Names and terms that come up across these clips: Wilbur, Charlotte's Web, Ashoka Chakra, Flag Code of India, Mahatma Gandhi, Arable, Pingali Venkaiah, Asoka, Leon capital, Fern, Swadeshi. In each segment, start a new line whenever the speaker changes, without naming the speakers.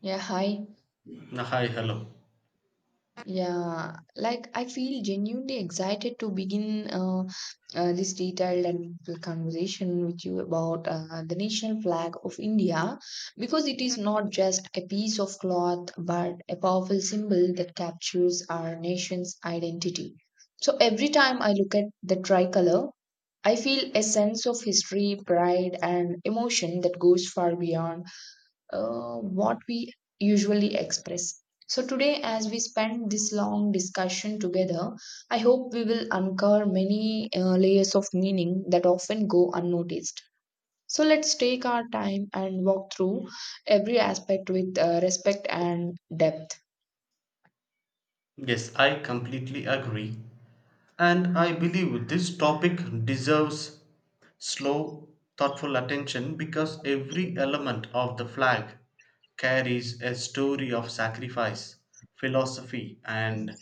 Yeah, hi.
Hi, hello.
Yeah, I feel genuinely excited to begin this detailed and meaningful conversation with you about the national flag of India because it is not just a piece of cloth but a powerful symbol that captures our nation's identity. So every time I look at the tricolor, I feel a sense of history, pride, and emotion that goes far beyond what we usually express. So today, as we spend this long discussion together, I hope we will uncover many layers of meaning that often go unnoticed. So let's take our time and walk through every aspect with respect and depth.
Yes, I completely agree. And I believe this topic deserves slow, thoughtful attention because every element of the flag carries a story of sacrifice, philosophy, and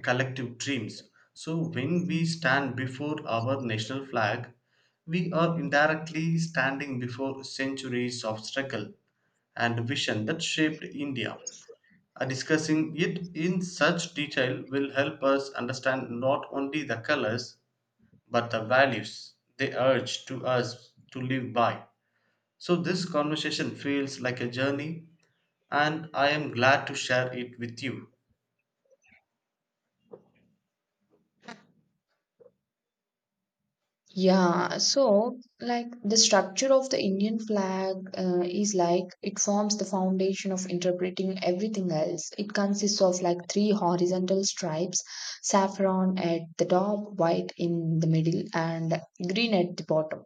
collective dreams. So when we stand before our national flag, we are indirectly standing before centuries of struggle and vision that shaped India. Discussing it in such detail will help us understand not only the colors but the values they urge to us to live by. So this conversation feels like a journey and I am glad to share it with you.
So the structure of the Indian flag is like it forms the foundation of interpreting everything else. It consists of like three horizontal stripes, saffron at the top, white in the middle, and green at the bottom.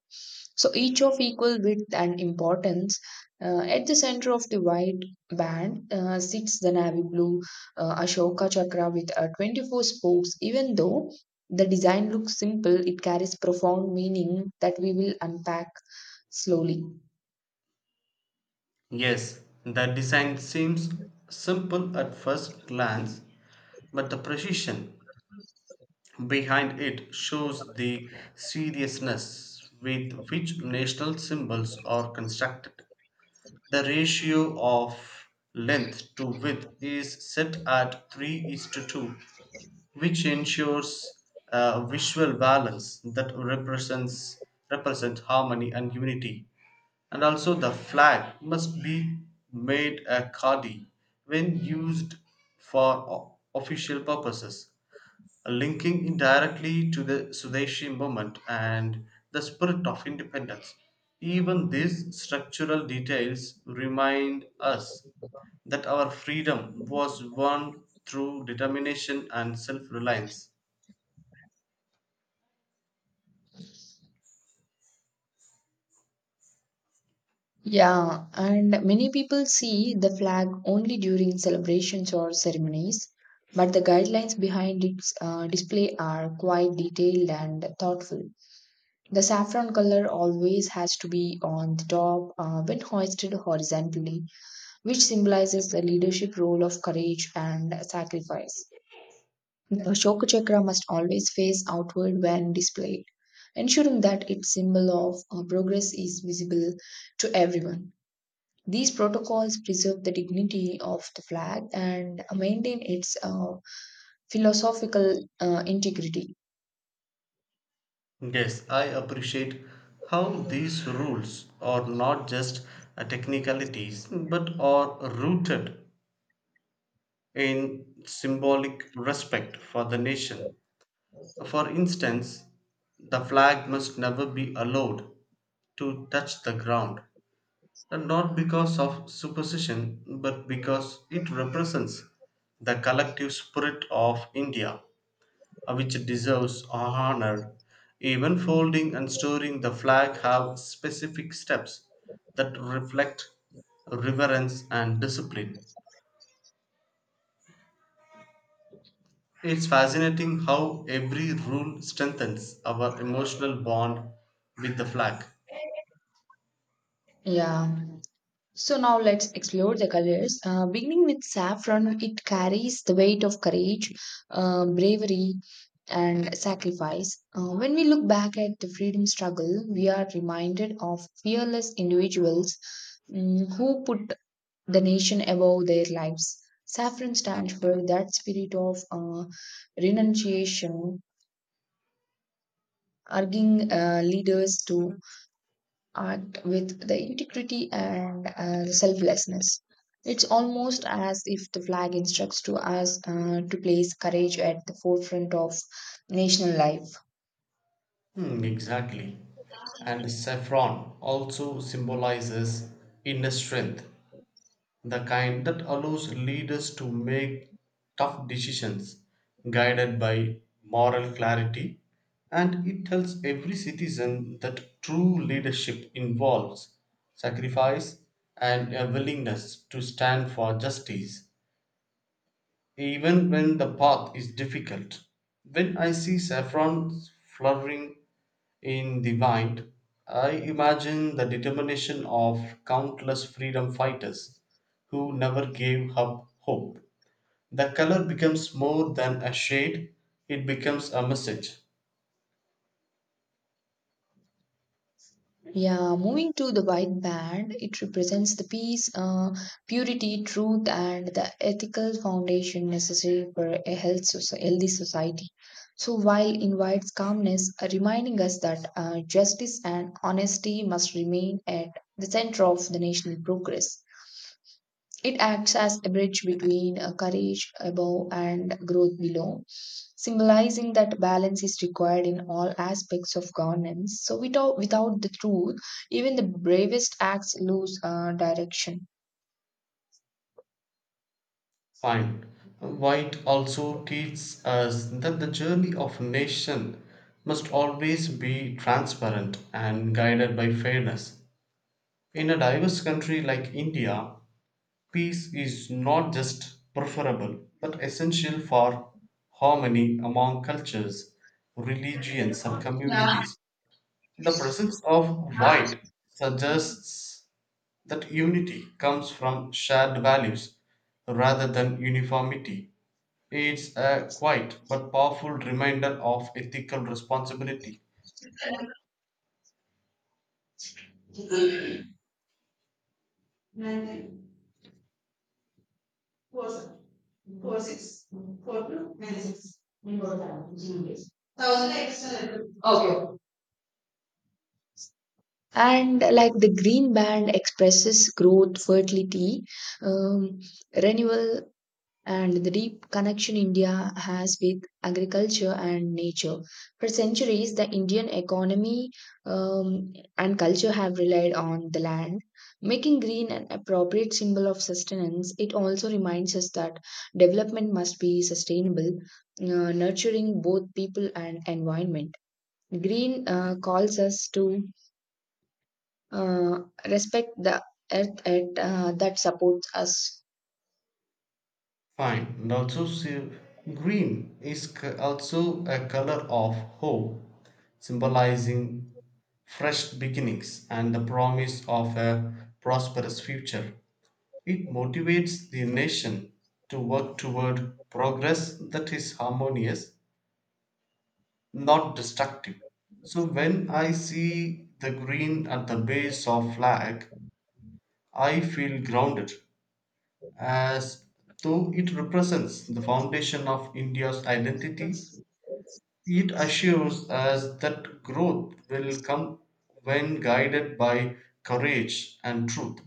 So each of equal width and importance. At the center of the white band sits the navy blue Ashoka chakra with 24 spokes. Even though the design looks simple, it carries profound meaning that we will unpack slowly.
Yes, the design seems simple at first glance, but the precision behind it shows the seriousness with which national symbols are constructed. The ratio of length to width is set at 3 is to 2, which ensures a visual balance that represents represent harmony and unity. And also the flag must be made a kadi when used for official purposes linking indirectly to the Swadeshi movement and the spirit of independence. Even these structural details remind us that our freedom was won through determination and self reliance.
Yeah, and many people see the flag only during celebrations or ceremonies, but the guidelines behind its display are quite detailed and thoughtful. The saffron color always has to be on the top when hoisted horizontally, which symbolizes the leadership role of courage and sacrifice. The Ashoka Chakra must always face outward when displayed, ensuring that its symbol of progress is visible to everyone. These protocols preserve the dignity of the flag and maintain its philosophical integrity.
Yes, I appreciate how these rules are not just technicalities but are rooted in symbolic respect for the nation. For instance, the flag must never be allowed to touch the ground, and not because of superstition, but because it represents the collective spirit of India, which deserves honor. Even folding and storing the flag have specific steps that reflect reverence and discipline. It's fascinating how every rule strengthens our emotional bond with the flag.
Yeah. So now let's explore the colors. Beginning with saffron, it carries the weight of courage, bravery, and sacrifice. When we look back at the freedom struggle, we are reminded of fearless individuals who put the nation above their lives. Saffron stands for that spirit of renunciation, urging leaders to act with the integrity and selflessness. It's almost as if the flag instructs to us to place courage at the forefront of national life.
Hmm, exactly. And saffron also symbolizes inner strength, the kind that allows leaders to make tough decisions guided by moral clarity. And it tells every citizen that true leadership involves sacrifice and a willingness to stand for justice even when the path is difficult. When I see saffron flowering in the wind, I imagine the determination of countless freedom fighters who never gave up hope. The color becomes more than a shade, it becomes a message.
Yeah, moving to the white band, it represents the peace, purity, truth, and the ethical foundation necessary for a healthy society. So, while invites calmness, reminding us that justice and honesty must remain at the center of the national progress. It acts as a bridge between courage above and growth below, symbolizing that balance is required in all aspects of governance. So, without the truth, even the bravest acts lose direction.
Fine. White also teaches us that the journey of a nation must always be transparent and guided by fairness. In a diverse country like India, peace is not just preferable but essential for harmony among cultures, religions, and communities. The presence of white suggests that unity comes from shared values rather than uniformity. It's a quiet but powerful reminder of ethical responsibility.
And like the green band expresses growth, fertility, um, renewal, and the deep connection India has with agriculture and nature. For centuries, the Indian economy and culture have relied on the land. Making green an appropriate symbol of sustenance, it also reminds us that development must be sustainable, nurturing both people and environment. Green calls us to uh, respect the earth that supports us.
Fine. And also, see, also a color of hope, symbolizing fresh beginnings and the promise of a prosperous future. It motivates the nation to work toward progress that is harmonious, not destructive. So, when I see the green at the base of flag, I feel grounded as though it represents the foundation of India's identity. It assures us that growth will come when guided by courage and truth.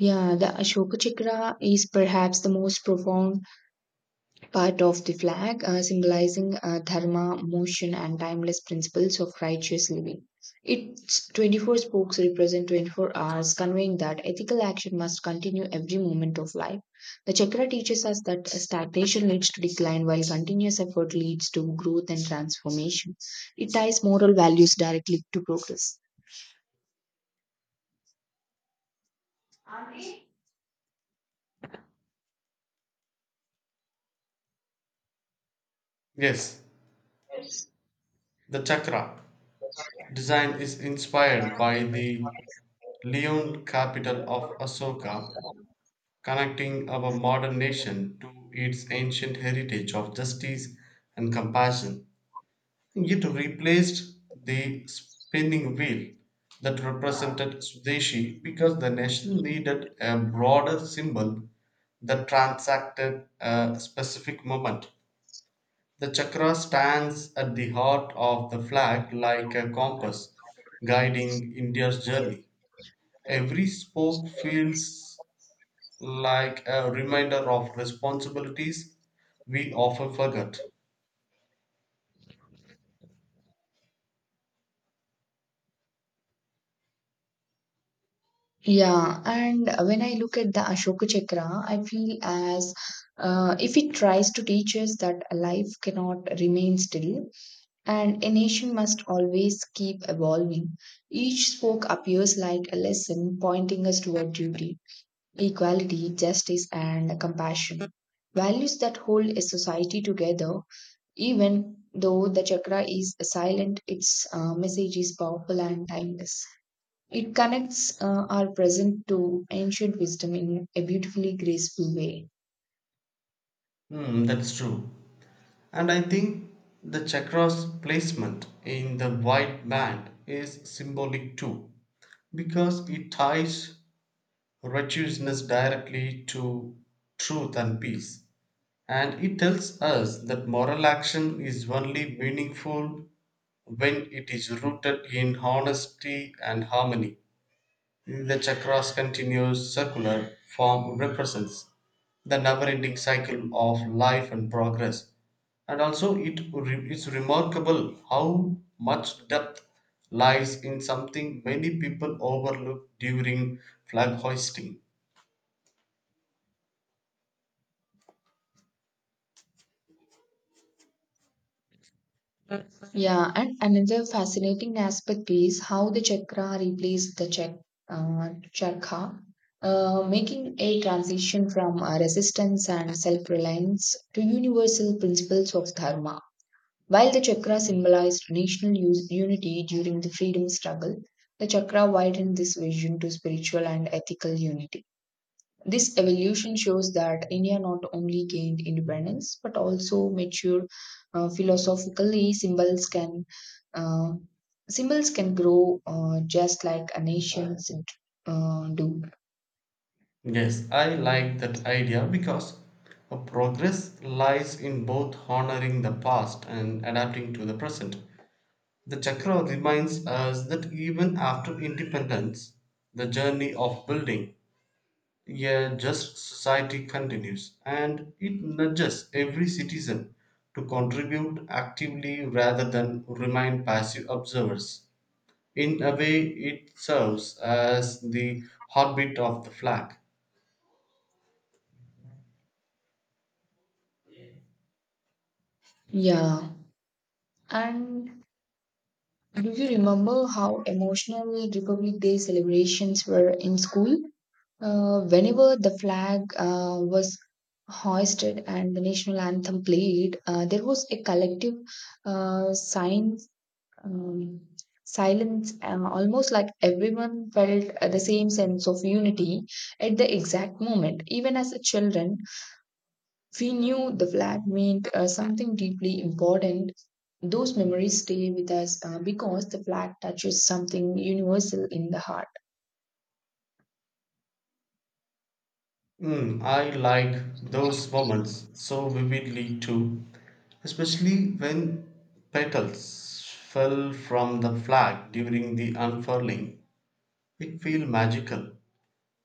Yeah, the Ashoka Chakra is perhaps the most profound part of the flag, symbolizing dharma, motion, and timeless principles of righteous living. Its 24 spokes represent 24 hours, conveying that ethical action must continue every moment of life. The chakra teaches us that stagnation leads to decline, while continuous effort leads to growth and transformation. It ties moral values directly to progress.
Yes, the chakra design is inspired by the Leon capital of Asoka, connecting our modern nation to its ancient heritage of justice and compassion. It replaced the spinning wheel that represented Swadeshi because the nation needed a broader symbol that transacted a specific moment. The chakra stands at the heart of the flag like a compass guiding India's journey. Every spoke feels like a reminder of responsibilities we often forget.
Yeah, and when I look at the Ashoka Chakra, I feel as if it tries to teach us that life cannot remain still and a nation must always keep evolving. Each spoke appears like a lesson pointing us toward duty, equality, justice, and compassion. Values that hold a society together. Even though the chakra is silent, its message is powerful and timeless. It connects our present to ancient wisdom in a beautifully graceful way.
Hmm, that's true. And I think the chakra's placement in the white band is symbolic too, because it ties righteousness directly to truth and peace. And it tells us that moral action is only meaningful when it is rooted in honesty and harmony. The chakra's continuous circular form represents the never ending cycle of life and progress, and also it's remarkable how much depth lies in something many people overlook during flag hoisting.
Yeah, and another fascinating aspect is how the chakra replaced the chakra, making a transition from resistance and self-reliance to universal principles of dharma. While the chakra symbolized national unity during the freedom struggle, the chakra widened this vision to spiritual and ethical unity. This evolution shows that India not only gained independence but also matured philosophically. Uh, Symbols can grow just like a nation should, do.
Yes, I like that idea because a progress lies in both honoring the past and adapting to the present. The Chakra reminds us that even after independence, the journey of building a just society continues, and it nudges every citizen to contribute actively rather than remain passive observers. In a way, it serves as the heartbeat of the flag.
Yeah, and do you remember how emotional Republic Day celebrations were in school? Whenever the flag was hoisted and the national anthem played, there was a collective sign um, silence, almost like everyone felt the same sense of unity at the exact moment. Even as a children, we knew the flag meant something deeply important. Those memories stay with us because the flag touches something universal in the heart.
Mm, I like those moments so vividly too, especially when petals fell from the flag during the unfurling. It felt magical,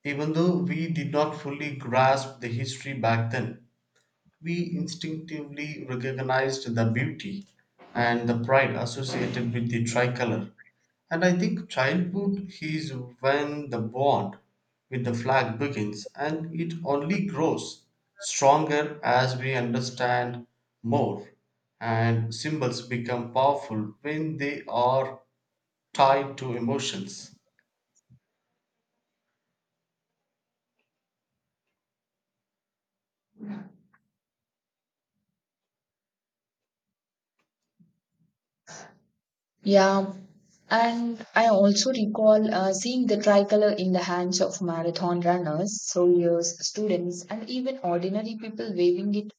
even though we did not fully grasp the history back then we instinctively recognized the beauty and the pride associated with the tricolor. And I think childhood is when the bond with the flag begins, and it only grows stronger as we understand more, and symbols become powerful when they are tied to emotions.
Yeah, and I also recall seeing the tricolor in the hands of marathon runners, soldiers, students, and even ordinary people waving it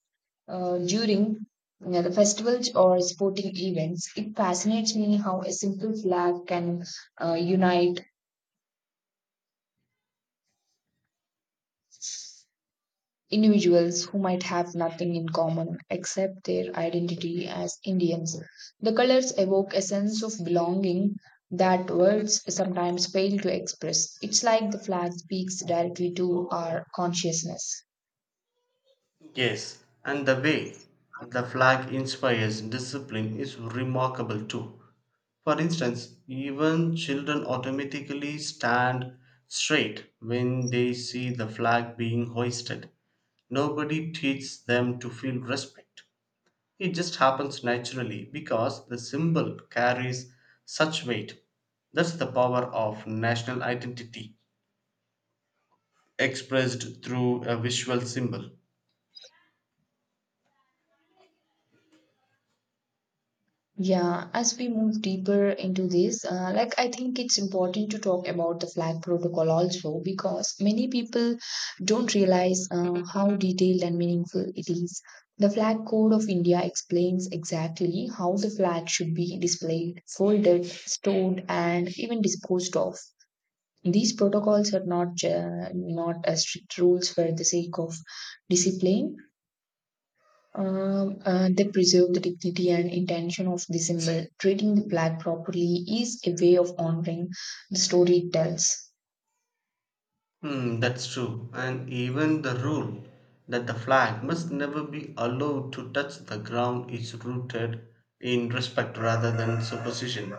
during the festivals or sporting events. It fascinates me how a simple flag can unite individuals who might have nothing in common except their identity as Indians. The colors evoke a sense of belonging that words sometimes fail to express. It's like the flag speaks directly to our consciousness.
Yes, and the way the flag inspires discipline is remarkable too. For instance, even children automatically stand straight when they see the flag being hoisted. Nobody teaches them to feel respect. It just happens naturally because the symbol carries such weight. That's the power of national identity expressed through a visual symbol.
Yeah, as we move deeper into this, I think it's important to talk about the flag protocol also because many people don't realize how detailed and meaningful it is. The Flag Code of India explains exactly how the flag should be displayed, folded, stored, and even disposed of. These protocols are not strict rules for the sake of discipline. They preserve the dignity and intention of the symbol. Treating the flag properly is a way of honoring the story it tells.
Hmm, that's true. And even the rule that the flag must never be allowed to touch the ground is rooted in respect rather than superstition.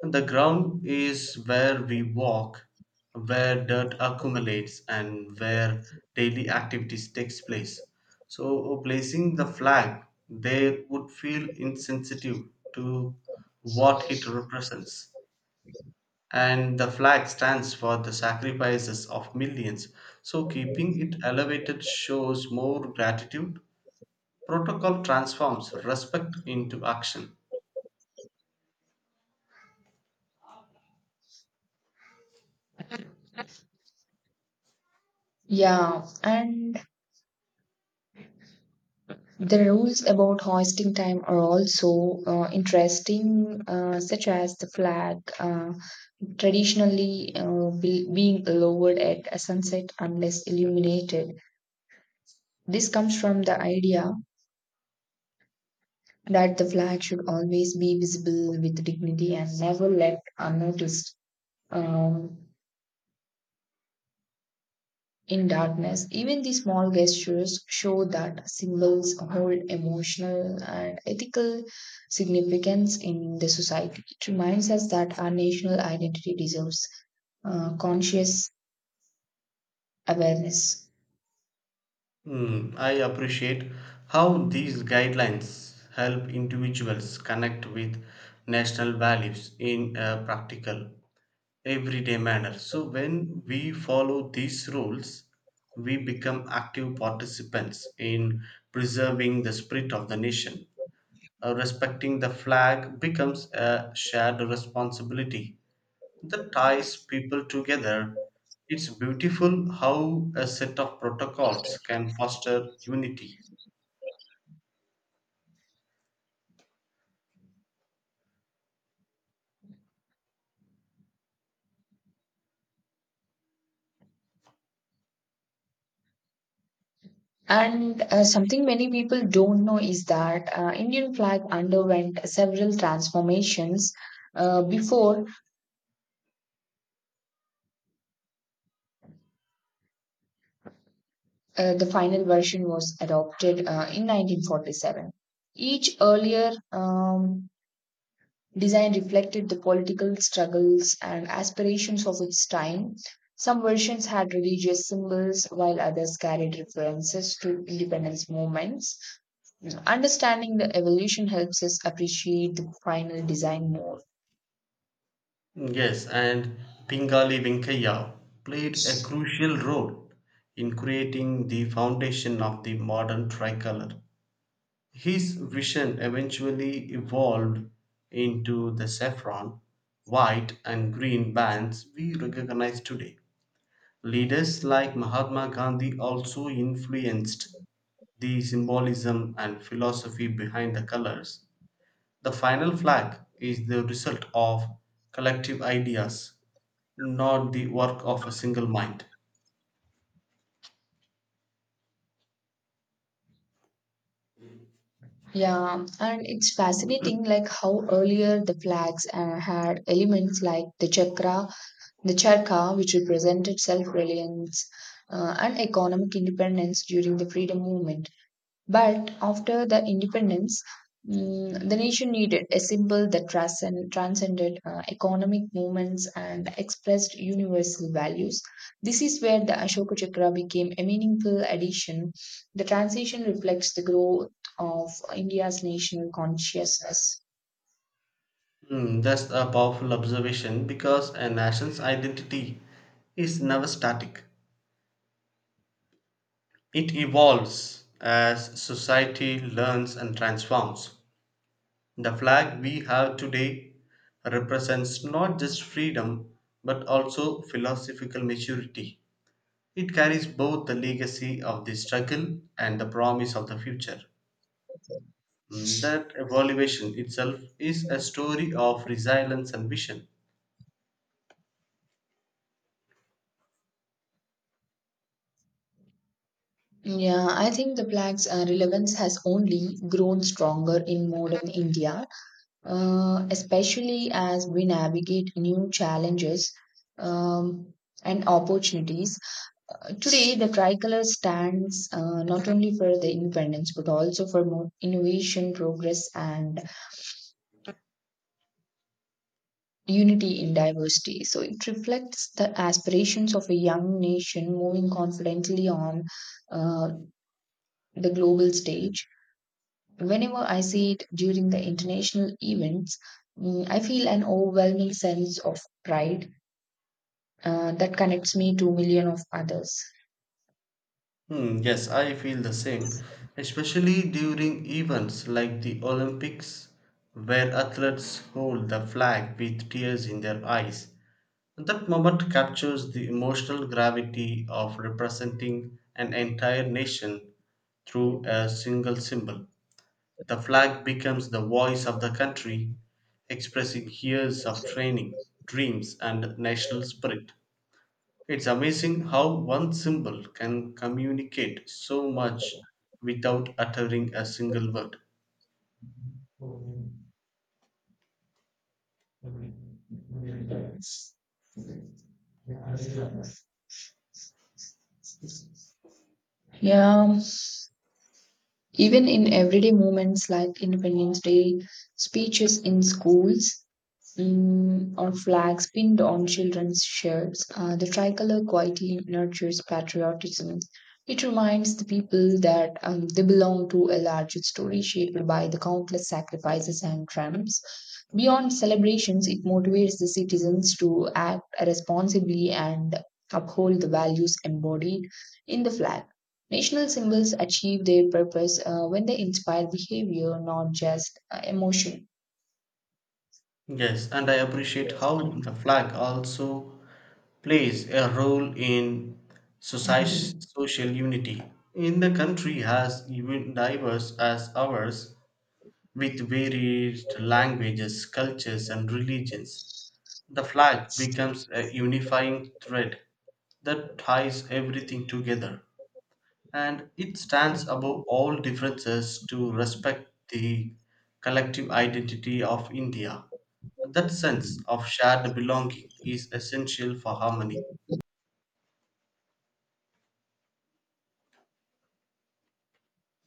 And the ground is where we walk, where dirt accumulates, and where daily activities takes place. So placing the flag there would feel insensitive to what it represents and the flag stands for the sacrifices of millions. So, keeping it elevated shows more gratitude. Protocol transforms respect into action.
Yeah, and the rules about hoisting time are also interesting, such as the flag traditionally being lowered at a sunset unless illuminated. This comes from the idea that the flag should always be visible with dignity and never left unnoticed. Um, In darkness, even the small gestures show that symbols hold emotional and ethical significance in the society. It reminds us that our national identity deserves conscious awareness.
Hmm, I appreciate how these guidelines help individuals connect with national values in a practical, everyday manner. So, when we follow these rules, we become active participants in preserving the spirit of the nation. Respecting the flag becomes a shared responsibility that ties people together. It's beautiful how a set of protocols can foster unity.
And something many people don't know is that Indian flag underwent several transformations before the final version was adopted in 1947. Each earlier design reflected the political struggles and aspirations of its time. Some versions had religious symbols, while others carried references to independence movements. Mm. Understanding the evolution helps us appreciate the final design more.
Yes, and Pingali Venkaiah played a crucial role in creating the foundation of the modern tricolor. His vision eventually evolved into the saffron, white, and green bands we recognize today. Leaders like Mahatma Gandhi also influenced the symbolism and philosophy behind the colors. The final flag is the result of collective ideas, not the work of a single mind.
Yeah, and it's fascinating like how earlier the flags had elements like the chakra, the charka, which represented self-reliance and economic independence during the freedom movement. But after the independence, the nation needed a symbol that transcended economic movements and expressed universal values. This is where the Ashoka Chakra became a meaningful addition. The transition reflects the growth of India's national consciousness.
Hmm, that's a powerful observation because a nation's identity is never static. It evolves as society learns and transforms. The flag we have today represents not just freedom but also philosophical maturity. It carries both the legacy of the struggle and the promise of the future. Mm, that evaluation itself is a story of resilience and vision.
Yeah, I think the flag's relevance has only grown stronger in modern India. Especially as we navigate new challenges um, and opportunities. Today, the tricolor stands not only for the independence but also for more innovation, progress, and unity in diversity. So, it reflects the aspirations of a young nation moving confidently on uh, the global stage. Whenever I see it during the international events, I feel an overwhelming sense of pride that connects me to million of others.
Hmm, yes, I feel the same, especially during events like the Olympics, where athletes hold the flag with tears in their eyes. That moment captures the emotional gravity of representing an entire nation through a single symbol. The flag becomes the voice of the country, expressing years of training, dreams, and national spirit. It's amazing how one symbol can communicate so much without uttering a single word.
Yeah, even in everyday moments like Independence Day speeches in schools, or flags pinned on children's shirts. The tricolor quietly nurtures patriotism. It reminds the people that they belong to a larger story shaped by the countless sacrifices and triumphs. Beyond celebrations, it motivates the citizens to act responsibly and uphold the values embodied in the flag. National symbols achieve their purpose when they inspire behavior, not just emotion.
Yes, and I appreciate how the flag also plays a role in society, social unity. In the country as even diverse as ours, with varied languages, cultures, and religions, the flag becomes a unifying thread that ties everything together and it stands above all differences to respect the collective identity of India. That sense of shared belonging is essential for harmony.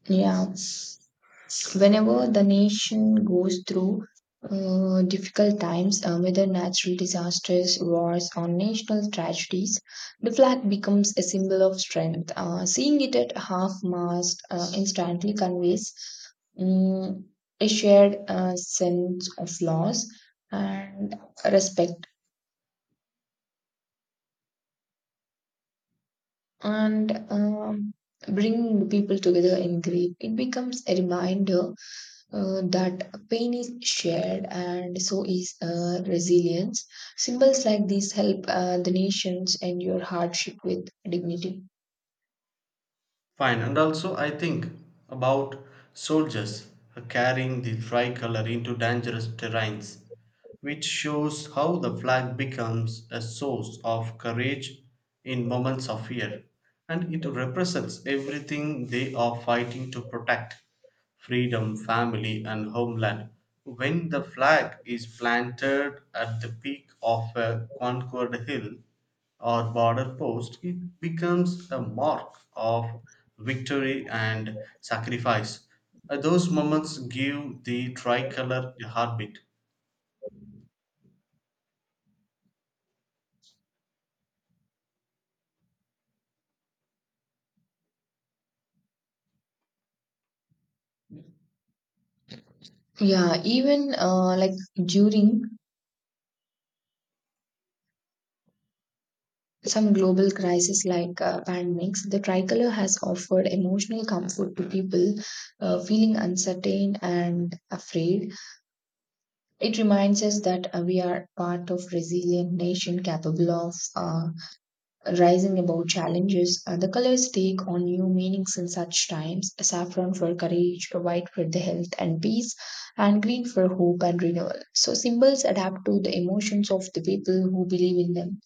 Yeah, whenever the nation goes through difficult times, whether natural disasters, wars, or national tragedies, the flag becomes a symbol of strength. Seeing it at half mast instantly conveys um, a shared sense of loss and respect, and bringing people together in grief. It becomes a reminder that pain is shared and so is resilience. Symbols like these help the nations endure hardship with dignity.
Fine, and also I think about soldiers carrying the tricolor into dangerous terrains, which shows how the flag becomes a source of courage in moments of fear. And it represents everything they are fighting to protect freedom, family, and homeland. When the flag is planted at the peak of a conquered hill, or border post, it becomes a mark of victory and sacrifice. Those moments give the tricolor a heartbeat.
Yeah, even during some global crisis like pandemics, the tricolor has offered emotional comfort to people feeling uncertain and afraid. It reminds us that we are part of resilient nation capable of rising above challenges. The colors take on new meanings in such times: saffron for courage, white for the health and peace, and green for hope and renewal. So, symbols adapt to the emotions of the people who believe in them.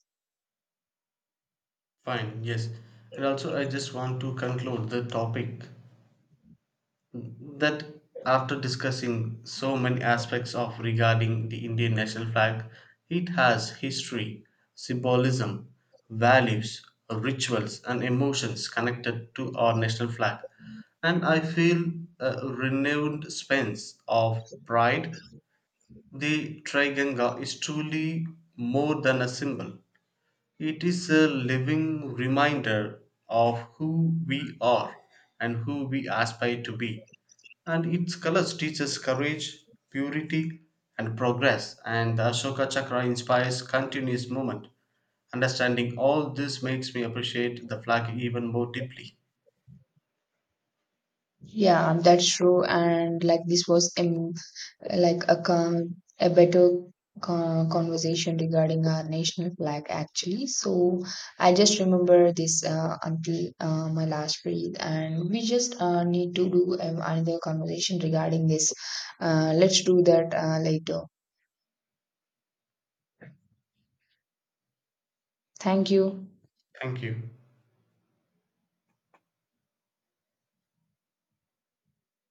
Fine, yes. And also, I just want to conclude the topic that after discussing so many aspects of regarding the Indian national flag, it has history, symbolism, values, rituals, and emotions connected to our national flag. And I feel a renewed sense of pride. The Triganga is truly more than a symbol. It is a living reminder of who we are and who we aspire to be. And its colors teach us courage, purity, and progress. And the Ashoka Chakra inspires continuous movement. Understanding all this makes me appreciate the flag even more deeply.
Yeah, that's true. And like this was a a better conversation regarding our national flag actually, so I just remember this until my last breath, and we just need to do another conversation regarding this. Let's do that later. Thank you.
Thank you.